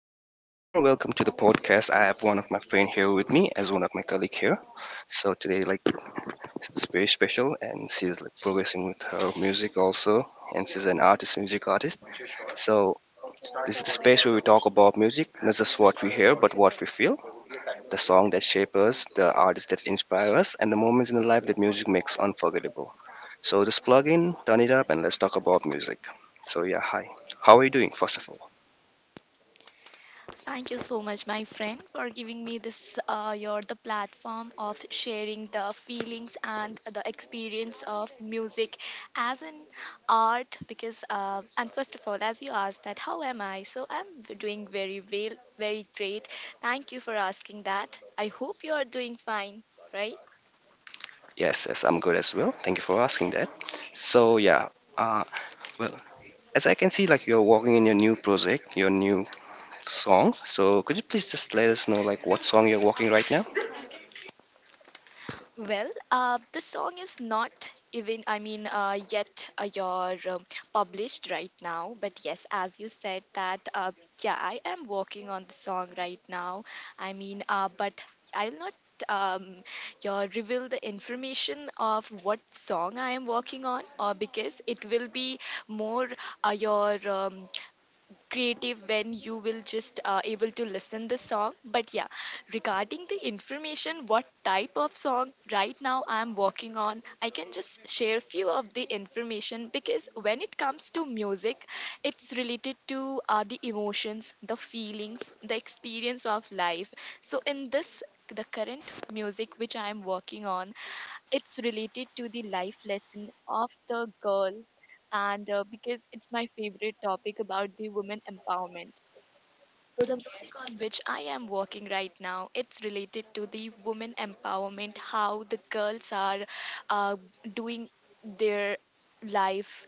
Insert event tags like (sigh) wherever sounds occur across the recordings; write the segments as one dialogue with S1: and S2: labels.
S1: Yeah, hello everyone. Welcome to the podcast. I have one of my friend here with me as one of my colleague here. So today, it's very special, and she's like progressing with her music also, and she's an artist, music artist. So this is the space where we talk about music, not just what we hear, but what we feel, the song that shape us, the artists that inspire us, and the moments in the life that music makes unforgettable. So just plug in, turn it up, and let's talk about music. So yeah, hi. How are you doing? First of all.
S2: Thank you so much, my friend, for giving me this your the platform of sharing the feelings and the experience of music as an art. Because and First of all, as you asked that, how am I? So I'm doing very well, very great. Thank you for asking that. I hope you are doing fine, right?
S1: Yes, yes, I'm good as well. Thank you for asking that. So yeah, uh, well, as I can see, like you're working in your new project, your new song. So could you please just let us know like what song you're working right now?
S2: Well, the song is not even, yet you're published right now. But yes, as you said that, yeah, I am working on the song right now. But I'll not um, you reveal the information of what song I am working on, or because it will be more your creative when you will just able to listen the song. But yeah, regarding the information what type of song right now I am working on, I can just share few of the information, because when it comes to music, it's related to the emotions, the feelings, the experience of life. So in this, the current music which I am working on, it's related to the life lesson of the girl, and because it's my favorite topic about the women empowerment. So the mission on which I am working right now, it's related to the women empowerment, how the girls are uh, doing their life,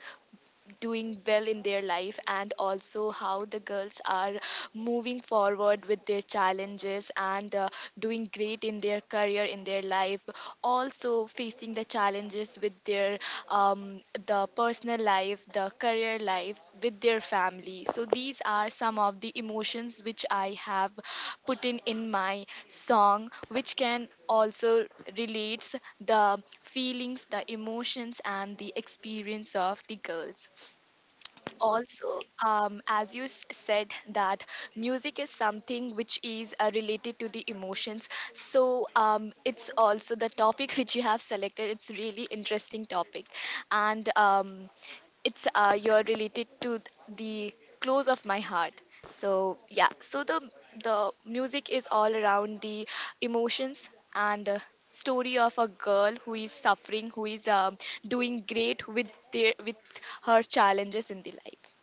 S2: doing well in their life, and also how the girls are moving forward with their challenges, and doing great in their career, in their life, also facing the challenges with their um, the personal life, the career life, with their family. So these are some of the emotions which I have put in my song, which can also relates the feelings, the emotions, and the experience of the girls. Also, as you said that, music is something which is related to the emotions. So it's also the topic (laughs) which you have selected, it's really interesting topic, and it's you're related to the close of my heart. So yeah, so the music is all around the emotions and story of a girl who is suffering, who is doing great with their with her challenges in the life.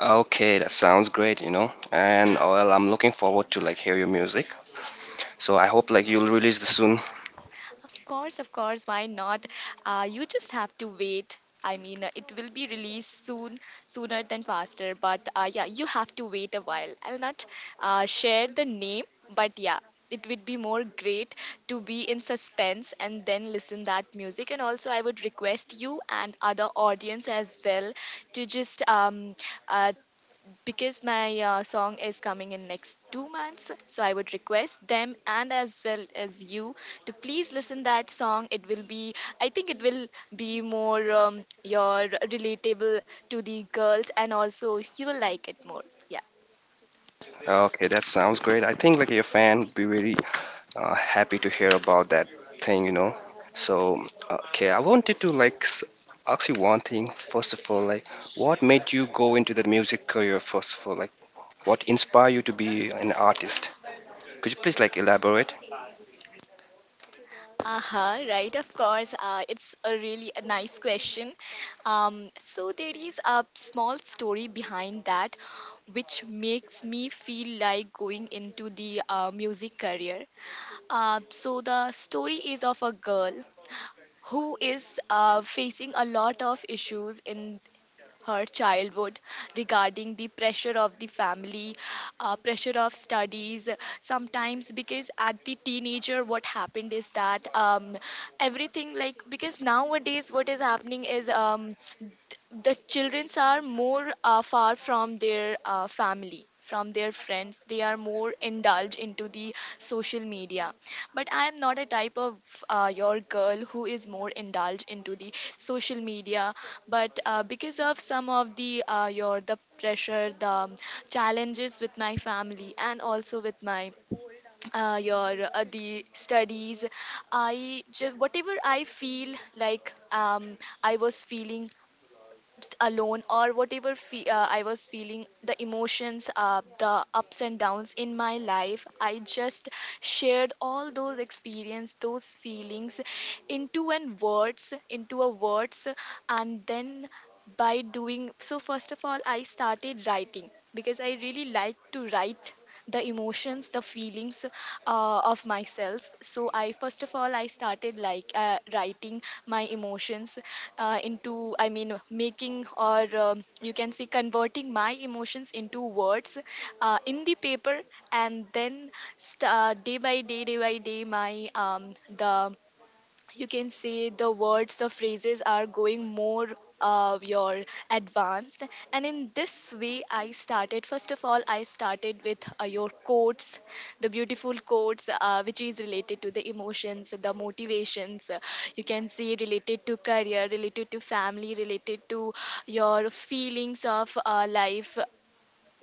S1: Okay, that sounds great, And oh, well, I'm looking forward to like hear your music. So I hope like you'll release this soon.
S2: Of course, why not? You just have to wait. It will be released soon, sooner than faster. But yeah, you have to wait a while. I'll not share the name, but yeah, it would be more great to be in suspense and then listen that music. And also, I would request you and other audience as well to just uh, because my song is coming in next 2 months. So I would request them and as well as you to please listen that song. It will be, I think it will be more your relatable to the girls, and also you will like it more, yeah.
S1: Okay, that sounds great. I think like your fan would be really happy to hear about that thing, So, okay, I wanted to like ask you one thing. First of all, what made you go into the music career? First of all, what inspired you to be an artist? Could you please like elaborate?
S2: Aha, right, of course. It's a really a nice question. So there is a small story behind that, which makes me feel like going into the music career. So the story is of a girl who is facing a lot of issues in her childhood regarding the pressure of the family, pressure of studies. Sometimes because at the teenager what happened is that, everything like, because nowadays what is happening is, the childrens are more far from their family, from their friends, they are more indulged into the social media. But I am not a type of your girl who is more indulged into the social media. But because of some of the your the pressure, the challenges with my family, and also with my your the studies, whatever I feel like, I was feeling alone, or whatever I was feeling, the emotions, the ups and downs in my life, I just shared all those experience, those feelings into an words, into a words, and then by doing so, first of all, I started writing, because I really like to write the emotions, the feelings of myself. So I, first of all, I started like writing my emotions into, I mean making or you can say converting my emotions into words in the paper. And then, day by day, day by day, my the, you can say the words, the phrases are going more your advanced. And in this way I started, first of all I started with your quotes, the beautiful quotes which is related to the emotions, the motivations, you can see, related to career, related to family, related to your feelings of life,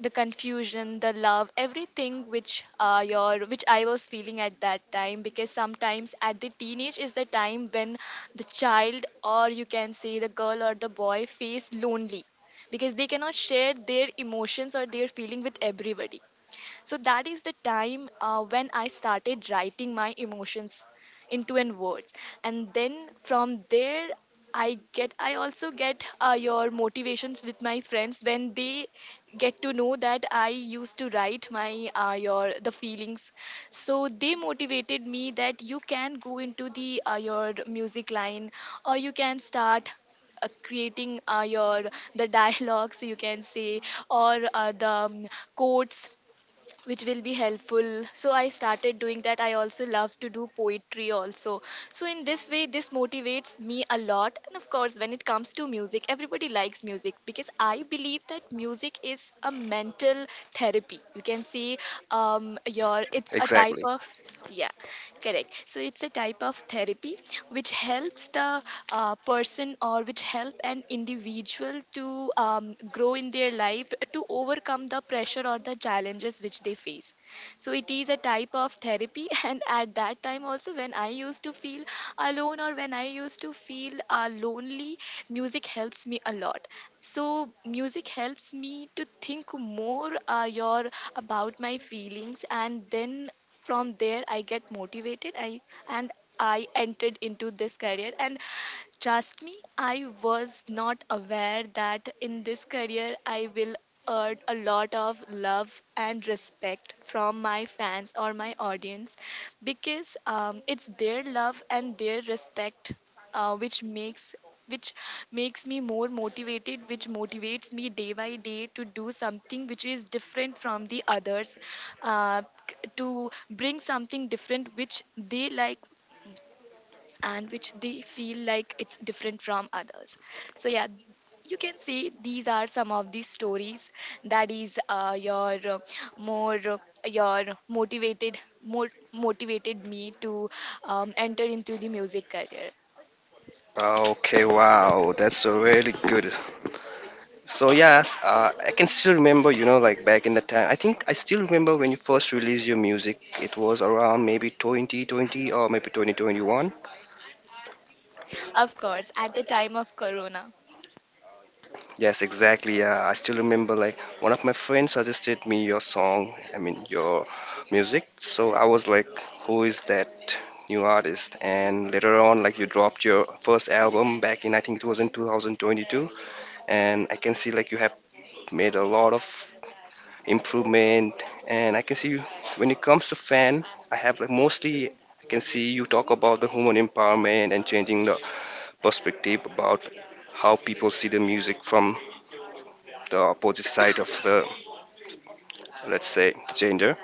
S2: the confusion, the love, everything which your which I was feeling at that time, because sometimes at the teenage is the time when the child, or you can say the girl or the boy, feels lonely, because they cannot share their emotions or their feeling with everybody. So that is the time when I started writing my emotions into in words, and then from there I also get your motivations with my friends, when they get to know that I used to write my your the feelings. So they motivated me that you can go into the your music line, or you can start creating your the (laughs) dialogues, you can say, or the quotes which will be helpful. So I started doing that. I also love to do poetry also. So in this way this motivates me a lot. And of course, when it comes to music, everybody likes music, because I believe that music is a mental therapy, you can see, your it's a type
S1: Exactly.
S2: of, yeah, correct. So it's a type of therapy which helps the person, or which help an individual to grow in their life, to overcome the pressure or the challenges which they face. So it is a type of therapy. (laughs) And at that time, also, when I used to feel alone or when I used to feel lonely, music helps me a lot. So music helps me to think more your about my feelings, and then from there I get motivated. And I entered into this career, and trust me, I was not aware that in this career I will earned a lot of love and respect from my fans or my audience, because it's their love and their respect which makes, which makes me more motivated, which motivates me day by day to do something which is different from the others, uh, to bring something different which they like, and which they feel like it's different from others. So yeah, you can see these are some of the stories that is your more your motivated, more motivated me to enter into the music career.
S1: Okay, wow, that's a really good. So yes, I can still remember, you know, like back in the time. I think I still remember when you first released your music. It was around maybe 2020 or maybe 2021.
S2: Of course, at the time of corona.
S1: Yes, exactly. Yeah, I still remember like one of my friends suggested me your song, I mean your music. So I was like, who is that new artist? And later on, like you dropped your first album back in, I think it was in 2022, and I can see like you have made a lot of improvement. And I can see you, when it comes to fan, I have like mostly I can see you talk about the human empowerment and changing the perspective about how people see the music from the opposite side of the, let's say, gender,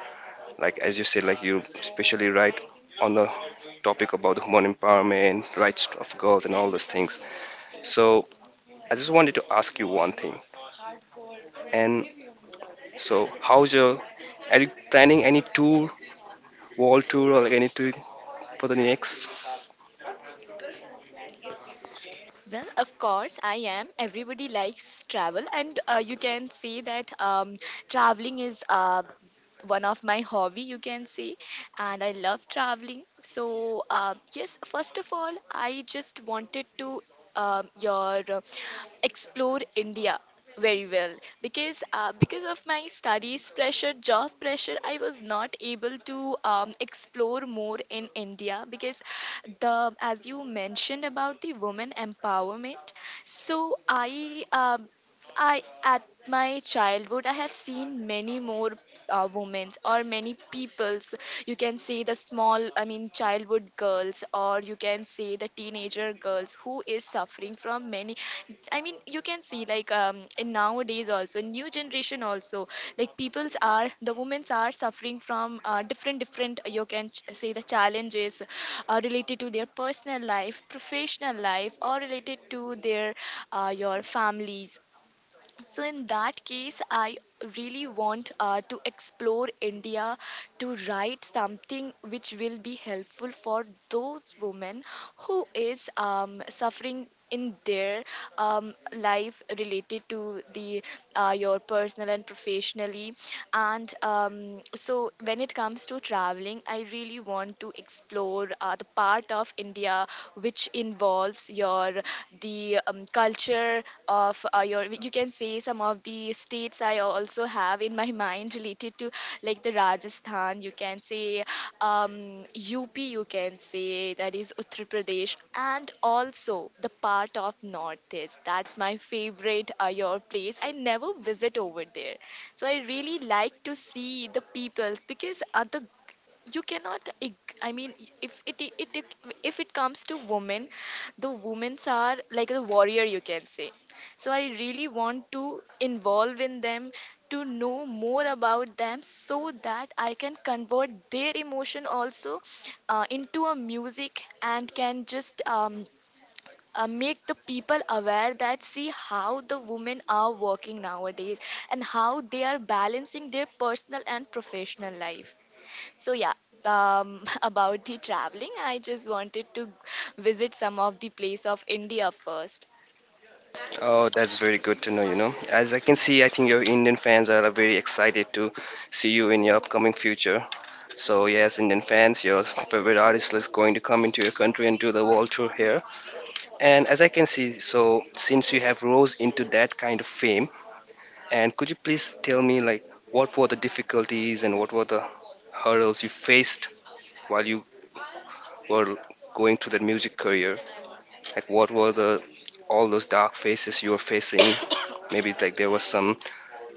S1: like as you said, like you especially write on the topic about the human empowerment rights of girls and all those things. So I just wanted to ask you one thing, and so how's your, are you planning any tour, world tour, or like any tour for the next?
S2: Well, of course, I am. Everybody likes travel, and you can say that, um traveling is one of my hobby, you can say, and I love traveling. So yes, first of all, I just wanted to your explore India very well, because of my studies pressure, job pressure, I was not able to explore more in India. Because the, as you mentioned about the women empowerment, so I, at my childhood, I have seen many more women, or many peoples, you can say the small, I mean, childhood girls, or you can say the teenager girls, who is suffering from many. I mean, you can see like, in nowadays also, new generation also, like peoples are, the women are suffering from different different. You can say the challenges related to their personal life, professional life, or related to their your families. So, in that case, I really want to explore India, to write something which will be helpful for those women who is suffering in their life related to the your personal and professionally. And um, so when it comes to traveling, I really want to explore the part of India which involves your the culture of you can say some of the states. I also have in my (laughs) mind, related to like the Rajasthan, you can say, um, UP, you can say, that is Uttar Pradesh, and also the part of Northeast. That's my favorite your place. I never visit over there, so I really like to see the peoples. Because the you cannot I mean, if it it, it if it comes to women, the women are like a warrior, you can say. So I really want to involve in them, to know more about them, so that I can convert their emotion also into a music, and can just make the people aware that see how the women are working nowadays, and how they are balancing their personal and professional life. So yeah, (laughs) about the traveling, I just wanted to visit some of the place of India first.
S1: Oh, that's very good to know, you know. As I can see, I think your Indian fans are very excited to see you in your upcoming future. So yes, Indian fans, your favorite artist is going to come into your country and do the world tour here. And as I can see, so since you have rose into that kind of fame, and could you please tell me like what were the difficulties and what were the hurdles you faced while you were going through that music career? Like what were the all those dark faces you were facing? (coughs) Maybe like there was some,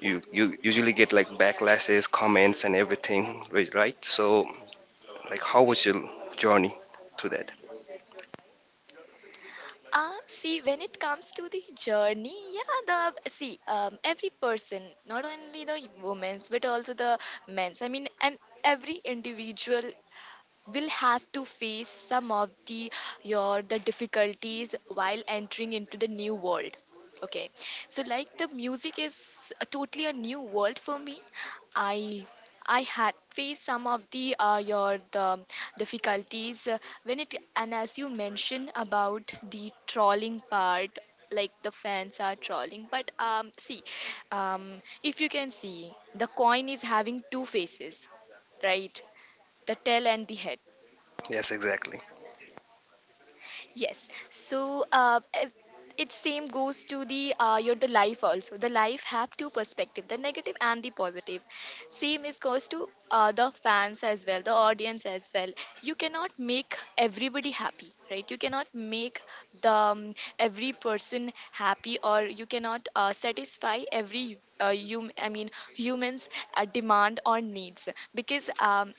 S1: you usually get like backlashes, comments, and everything, right? Right? So like how was your journey through that?
S2: See, when it comes to the journey, yeah, the see, every person, not only the women's but also the men's. I mean, and every individual will have to face some of the your the difficulties while entering into the new world. Okay, so like the music is a totally a new world for me. I i had faced some of the your the difficulties when it, and as you mentioned about the trolling part, like the fans are trolling. But see, um if you can see, the coin is having two faces, right? The tail and the head.
S1: Yes, exactly.
S2: Yes. So it same goes to the your the life also. The life have two perspective, the negative and the positive. Same is goes to the fans as well, the audience as well. You cannot make everybody happy, right? You cannot make the every person happy, or you cannot satisfy every I mean humans demand or needs. Because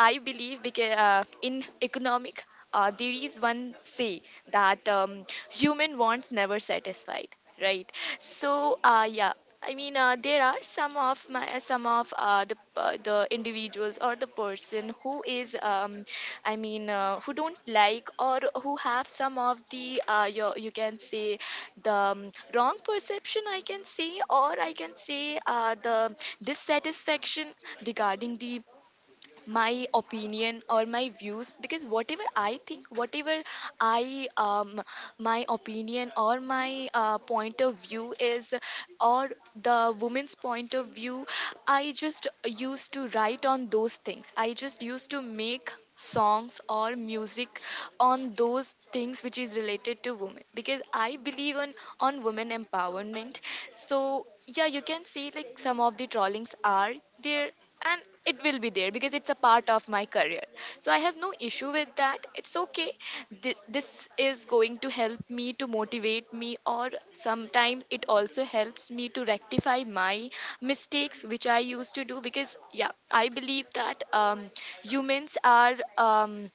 S2: I believe, because in economic, there is one say that human wants never satisfied, right? So yeah, I mean there are some of my, some of the individuals or the person who is I mean who don't like, or who have some of the you can say the wrong perception, I can say, or I can say the dissatisfaction regarding the my opinion or my views. Because whatever I think, whatever I my opinion or my point of view is, or the woman's point of view, I just used to write on those things. I just used to make songs or music on those things which is related to women, because I believe on women empowerment. So yeah, you can see like some of the trollings are there, and it will be there, because it's a part of my career. So I have no issue with that, it's okay. This is going to help me to motivate me, or sometimes it also helps me to rectify my mistakes which I used to do. Because yeah, I believe that humans are,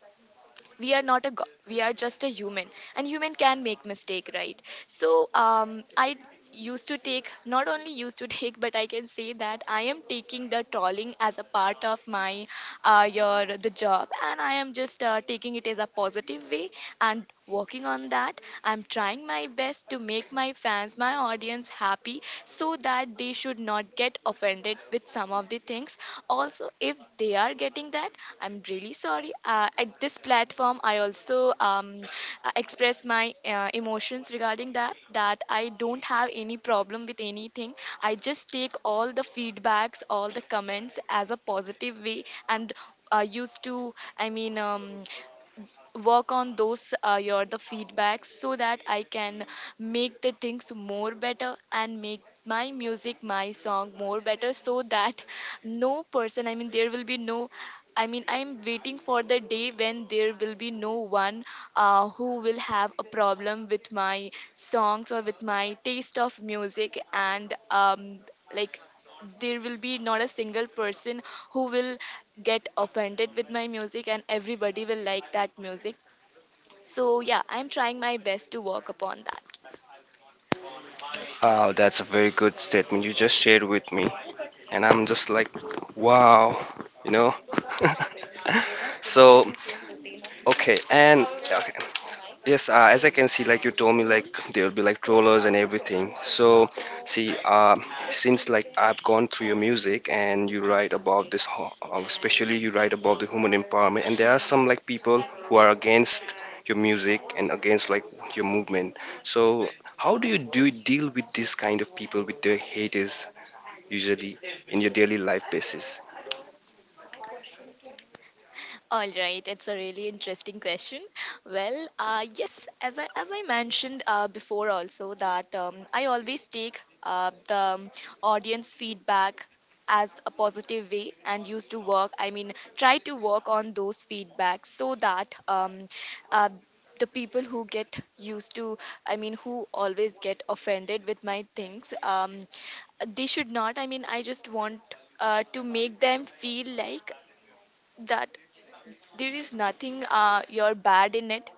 S2: we are not a god, we are just a human, and human can make mistake, right? So I used to take, not only used to (laughs) take, but I can say that I am taking the trolling as a part of my your the job, and I am just taking it as a positive way, and working on that. I'm trying my best to make my fans, my audience happy, so that they should not get offended with some of the things. Also, if they are getting that, I'm really sorry. At this platform, I also um, express my emotions regarding that. That I don't have any problem with anything. I just take all the feedbacks, all the comments as a positive way, and used to, i mean um, work on those your the feedbacks, so that I can make the things more better, and make my music, my song more better. So that no person, I mean there will be no, I mean I'm waiting for the day when there will be no one who will have a problem with my songs or with my taste of music. And like there will be not a single person who will get offended with my music, and everybody will like that music. So yeah, I'm trying my best to work upon that.
S1: Wow, that's a very good statement you just shared with me. And I'm just like, wow, you know? So, okay, and yeah, okay. Yes, as I can see, like you told me, like there'll be like trollers and everything. So, see, since like I've gone through your music and you write about this, especially you write about the human empowerment, and there are some like people who are against your music and against like your movement. So, how do you do deal with this kind of people, with the haters? Usually in your daily life basis.
S2: All right, it's a really interesting question. Well, yes, as I mentioned before also, that I always take the audience feedback as a positive way, and used to work. I mean, try to work on those feedbacks, so that uh, the people who get used to, I mean, who always get offended with my things, they should not. I mean, I just want to make them feel like that there is nothing you're bad in it.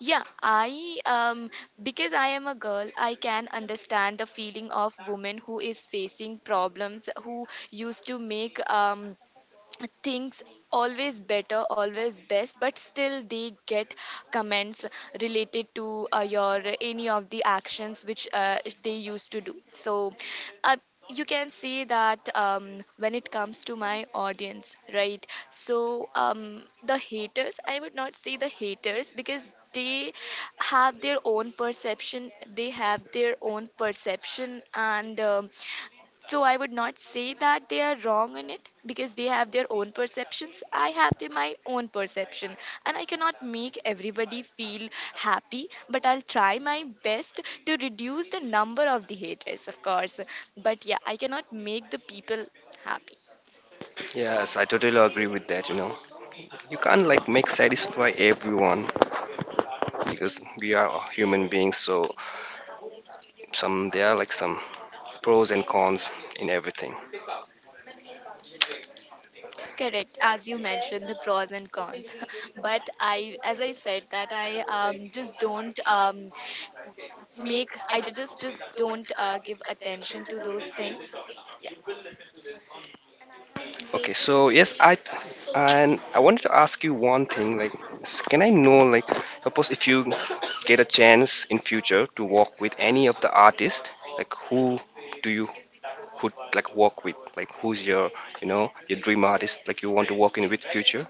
S2: Yeah, I because I am a girl, I can understand the feeling of women who is facing problems, who used to make things always better, always best, but still they get comments related to your any of the actions which they used to do. So uh, you can see that when it comes to my audience, right? So the haters, I would not say the haters, because they have their own perception. They have their own perception, and so I would not say that they are wrong in it, because they have their own perceptions. I have the, my own perception, and I cannot make everybody feel happy. But I'll try my best to reduce the number of the haters, of course. But yeah, I cannot make the people happy.
S1: Yes, I totally agree with that, you know. You can't like make satisfy everyone because we are human beings, so some, there are like some pros and cons in everything.
S2: Correct, as you mentioned, the pros and cons. (laughs) But I, as I said, that I just don't make. I just don't give attention to those things. Yeah.
S1: Okay, so yes, I, and I wanted to ask you one thing like, can I know like, suppose if you get a chance in future to work with any of the artists, like who do you could like work with? Like who's your, you know, your dream artist like you want to work in with future?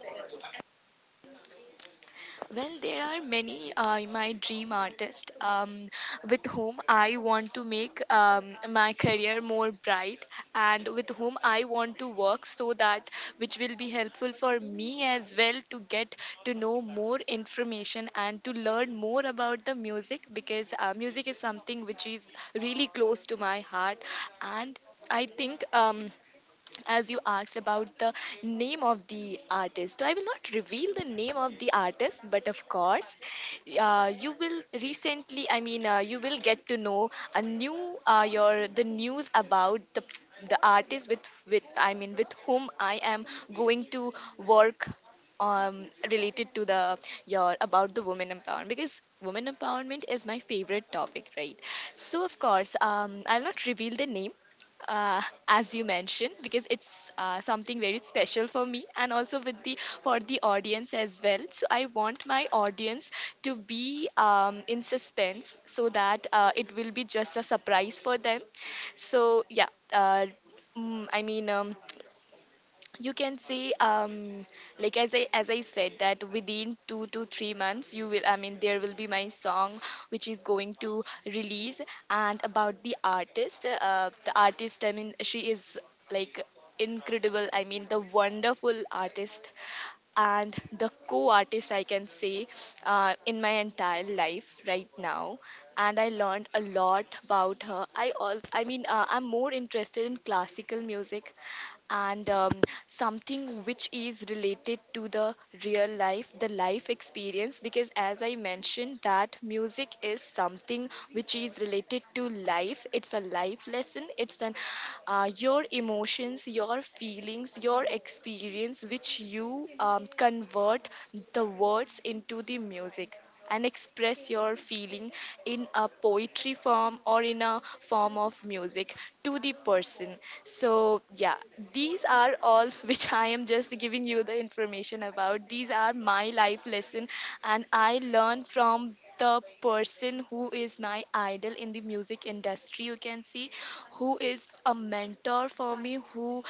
S2: Well, there are many my dream artists with whom I want to make my career more bright, and with whom I want to work, so that which will be helpful for me as well to get to know more information, and to learn more about the music. Because music is something which is really close to my heart. And I think, as you asked about the name of the artist, so I will not reveal the name of the artist. But of course, you will recently. I mean, you will get to know a new your the news about the artist with I mean with whom I am going to work, related to the your about the women empowerment. Because women empowerment is my favorite topic, right? So of course, I'll not reveal the name, uh, as you mentioned, because it's something very special for me, and also with the for the audience as well. So I want my audience to be in suspense, so that it will be just a surprise for them. So yeah, uh, mm, i mean um, you can see like, as I said, that within 2 to 3 months you will, I mean there will be my song which is going to release. And about the artist, the artist, I mean, she is like incredible, I mean, the wonderful artist, and the co-artist I can say, in my entire life right now. And I learned a lot about her. I also, I mean, I'm more interested in classical music, and something which is related to the real life, the life experience. Because, as I mentioned, that music is something which is related to life. It's a life lesson, it's an your emotions, your feelings, your experience, which you convert the words into the music, and express your feeling in a poetry form, or in a form of music, to the person. So yeah, these are all (laughs) which I am just giving you the information about. These are my life lesson, and I learn from the person who is my idol in the music industry, you can see, who is a mentor for me, who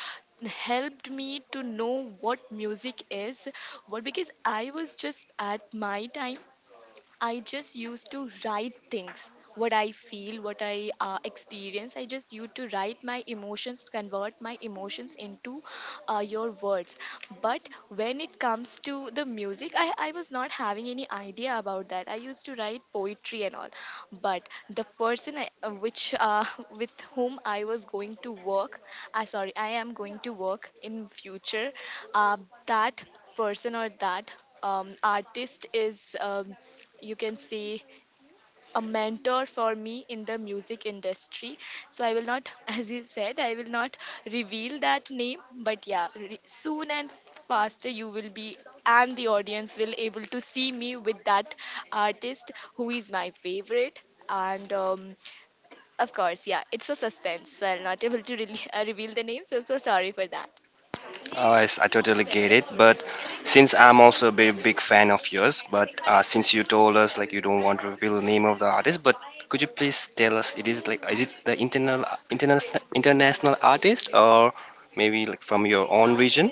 S2: helped me to know what music is, what. Because I was just at my time, I just used to write things, what I feel, what I experience. I just used to write my emotions, convert my emotions into your words. But when it comes to the music, I was not having any idea about that. I used to write poetry and all. But the person I, which (laughs) with whom I was going to work, sorry, I am going to work in future, uh, that person or that artist is, you can say, a mentor for me in the music industry. So I will not (laughs) as you said, I will not reveal that name, but yeah, soon and faster you will be and the audience will able to see me with that artist who is my favorite. And of course, yeah, it's a suspense, so I'm not able to really, (laughs) reveal the name, so so sorry for that.
S1: Yes, I totally get it. But since I'm also a very big fan of yours, but since you told us like you don't want to reveal the name of the artist, but could you please tell us it is like, is it the internal international artist or maybe like from your own region?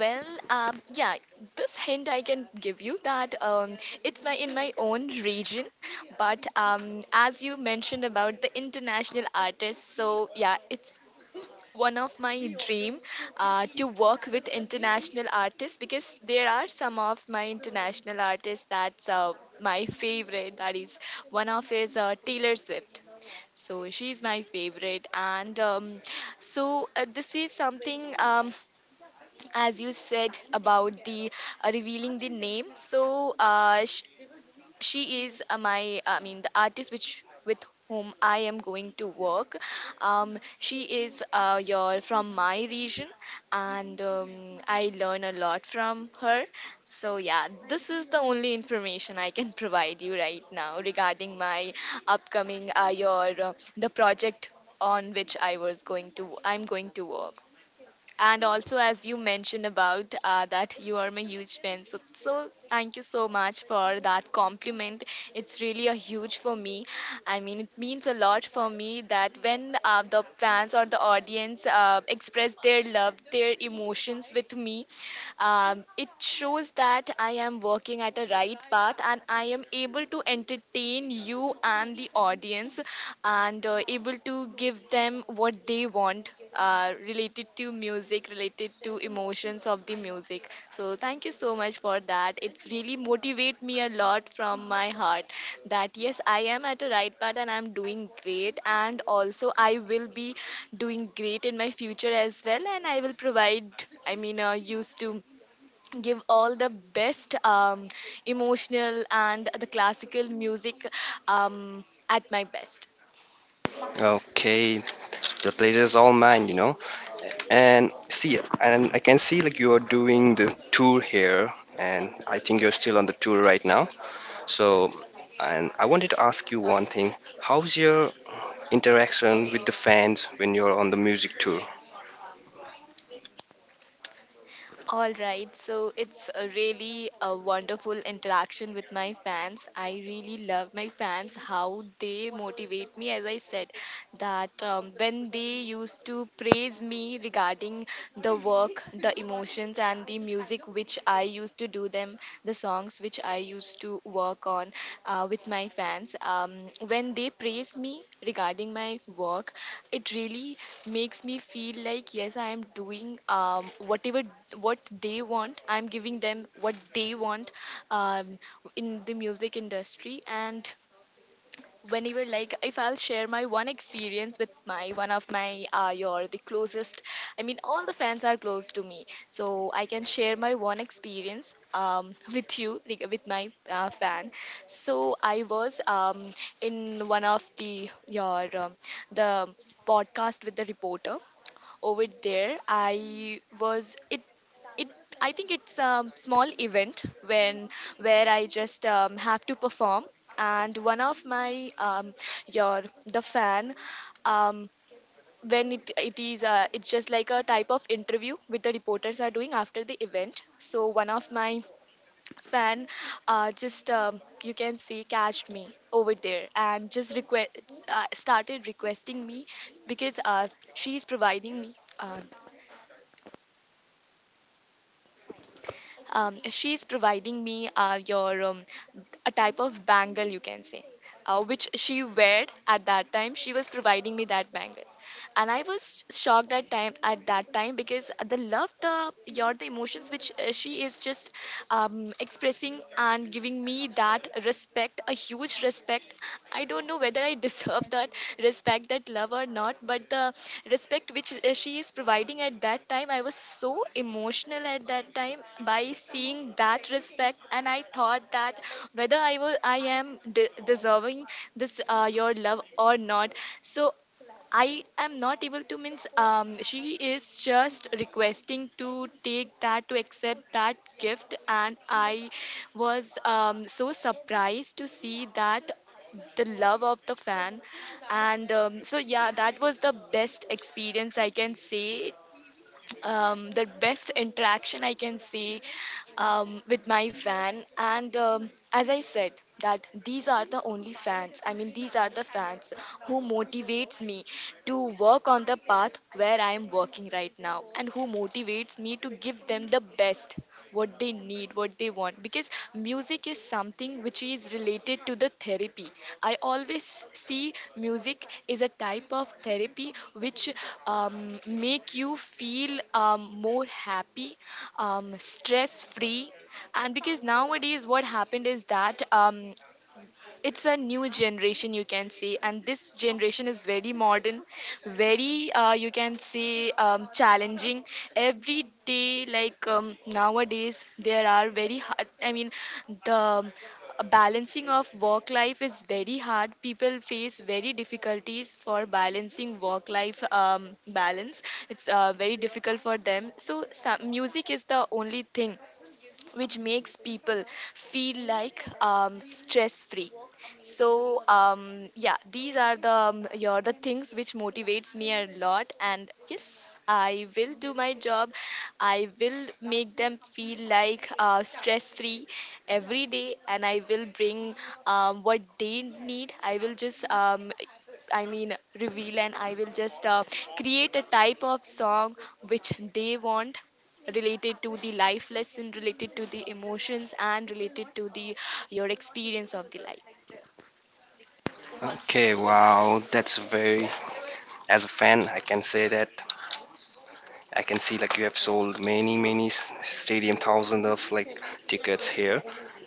S2: Well, yeah, this hint I can give you that it's my in my own region, but as you mentioned about the international artists, so yeah, it's one of my dream to work with international artists, because there are some of my international artists that's my favorite. That is one of is Taylor Swift. So she's my favorite, and so this is something. As you said about the revealing the name, so she is my, I mean the artist which with whom I am going to work. She is, your from my region, and I learn a lot from her. So yeah, this is the only information I can (laughs) provide you right now regarding my upcoming your the project on which I'm going to work. And also, as you mentioned about that you are my huge fan, so so thank you so much for that compliment. It's really a huge for me. I mean, it means a lot for me that when the fans or the audience express their love, their emotions with me. It shows that I am working at the right path and I am able to entertain you and the audience and able to give them what they want, related to music, related to emotions of the music. So thank you so much for that. It's really motivate me a lot from my heart, that yes, I am at a right path and I'm doing great, and also I will be doing great in my future as well, and I will provide. I mean, used to give all the best, emotional and the classical music, um, at my best.
S1: Okay, the pleasure is all mine, you know. And see, and I can see like you are doing the tour here, and I think you're still on the tour right now. So, and I wanted to ask you one thing. How's your interaction with the fans when you're on the music tour?
S2: All right, so it's a really a wonderful interaction with my fans. I really love my fans how they motivate me. As I said, that when they used to praise me regarding the work, the emotions, and the music which I used to do them, the songs which I used to work on with my fans. When they praise me regarding my work, it really makes me feel like yes, I am doing, whatever what they want. I'm giving them what they want um, in the music industry. And whenever, like, if I'll share my one experience with my one of my your the closest, I mean all the fans are close to me, so I can share my one experience, (laughs) with you, like, with my fan. So I was in one of the your the podcast with the reporter over there. It I think it's a small event, when where I just have to perform. And one of my your the fan, um, when it is it's just like a type of interview with the reporters are doing after the event. So one of my fan just, you can say, catched me over there and just request started requesting me, because she is providing me uh, she's providing me your a type of bangle, you can say, which she wore at that time. She was providing me that bangle, and I was shocked at that time, because the love, the your the emotions which she is just expressing and giving me that respect, a huge respect. I don't know whether I (laughs) deserve that respect, that love, or not, but the respect which she is providing at that time, I was so emotional at that time by seeing that respect. And I thought that whether I am deserving this your love or not. So I am not able to, means she is just requesting to take that, to accept that gift, and I was, so surprised to see that the love of the fan. And so yeah, that was the best experience I can say, the best interaction I can see, with my fan. And as I said, that these are the only fans. I mean, these are the fans who motivates me to work on the path where I am working right now, and who motivates me to give them the best, what they need, what they want. Because music is something which is related to the therapy. I always see music is a type of therapy, which um, make you feel, more happy, stress free. And because nowadays what happened is that, it's a new generation, you can say, and this generation is very modern, very, you can say, challenging every day. Like, nowadays there are very hard, I mean, the balancing of work life is very hard. People face very difficulties for balancing work life, balance, it's very difficult for them. So some, music is the only thing which makes people feel like, stress free. So yeah, these are the your the things which motivates me a lot. And yes, I will do my job. I will make them feel like, stress free every day, and I will bring, what they need. I will just, I mean, reveal, and I will just create a type of song which they want, related to the life lesson, related to the emotions, and related to the your experience of the life.
S1: Okay, wow, that's a very. As a fan, I can say that I can see like you have sold many, many stadium thousands of like tickets here.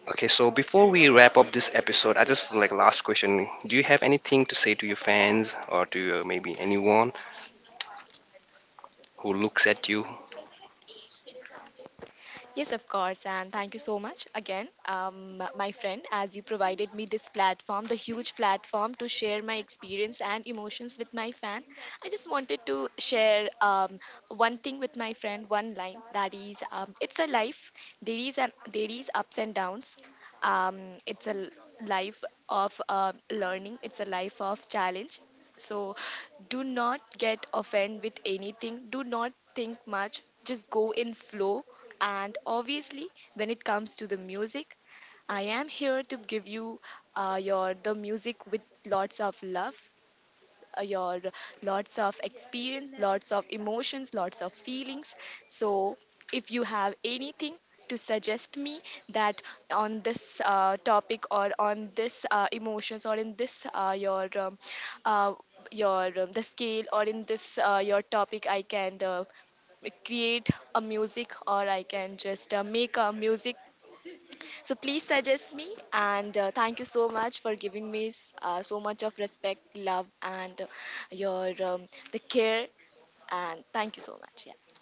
S1: Okay, so before we wrap up this episode, I just like last question: Do you have anything to say to your fans or to your, maybe anyone who looks at you?
S2: Yes, of course, and thank you so much again, my friend, as you provided me this platform, the huge platform, to share my experience and emotions with my fan. I just wanted to share, one thing with my friend, one line, that is, it's a life. There is ups and downs. It's a life of learning. It's a life of challenge. So do not get offended with anything. Do not think much. Just go in flow. And obviously, when it comes to the music, I am here to give you your the music with lots of love, your lots of experience, lots of emotions, lots of feelings. So, if you have anything to suggest me, that on this topic, or on this emotions, or in this uh, your the scale, or in this your topic, I can create a music, or I can just make a music. So please suggest me. And thank you so much for giving me so much of respect, love, and your the care. And thank you so much. Yeah.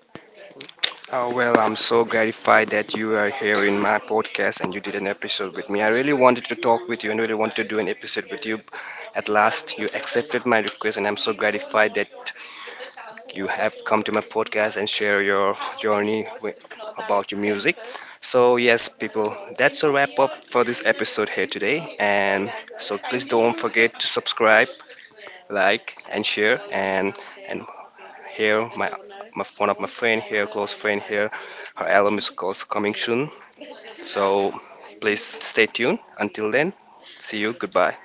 S1: Oh, well, I'm so gratified that you are here in my podcast and you did an episode with me. I really wanted to talk with you and really wanted to do an episode with you. At last, you accepted my request, and I'm so gratified that you have come to my podcast and share your journey with, about your music. So, yes, people, that's a wrap up for this episode here today. And so, please don't forget to subscribe, like, and share. And here. My one of my friend here, close friend here. Her album is also Coming Soon. So please stay tuned. Until then, see you. Goodbye.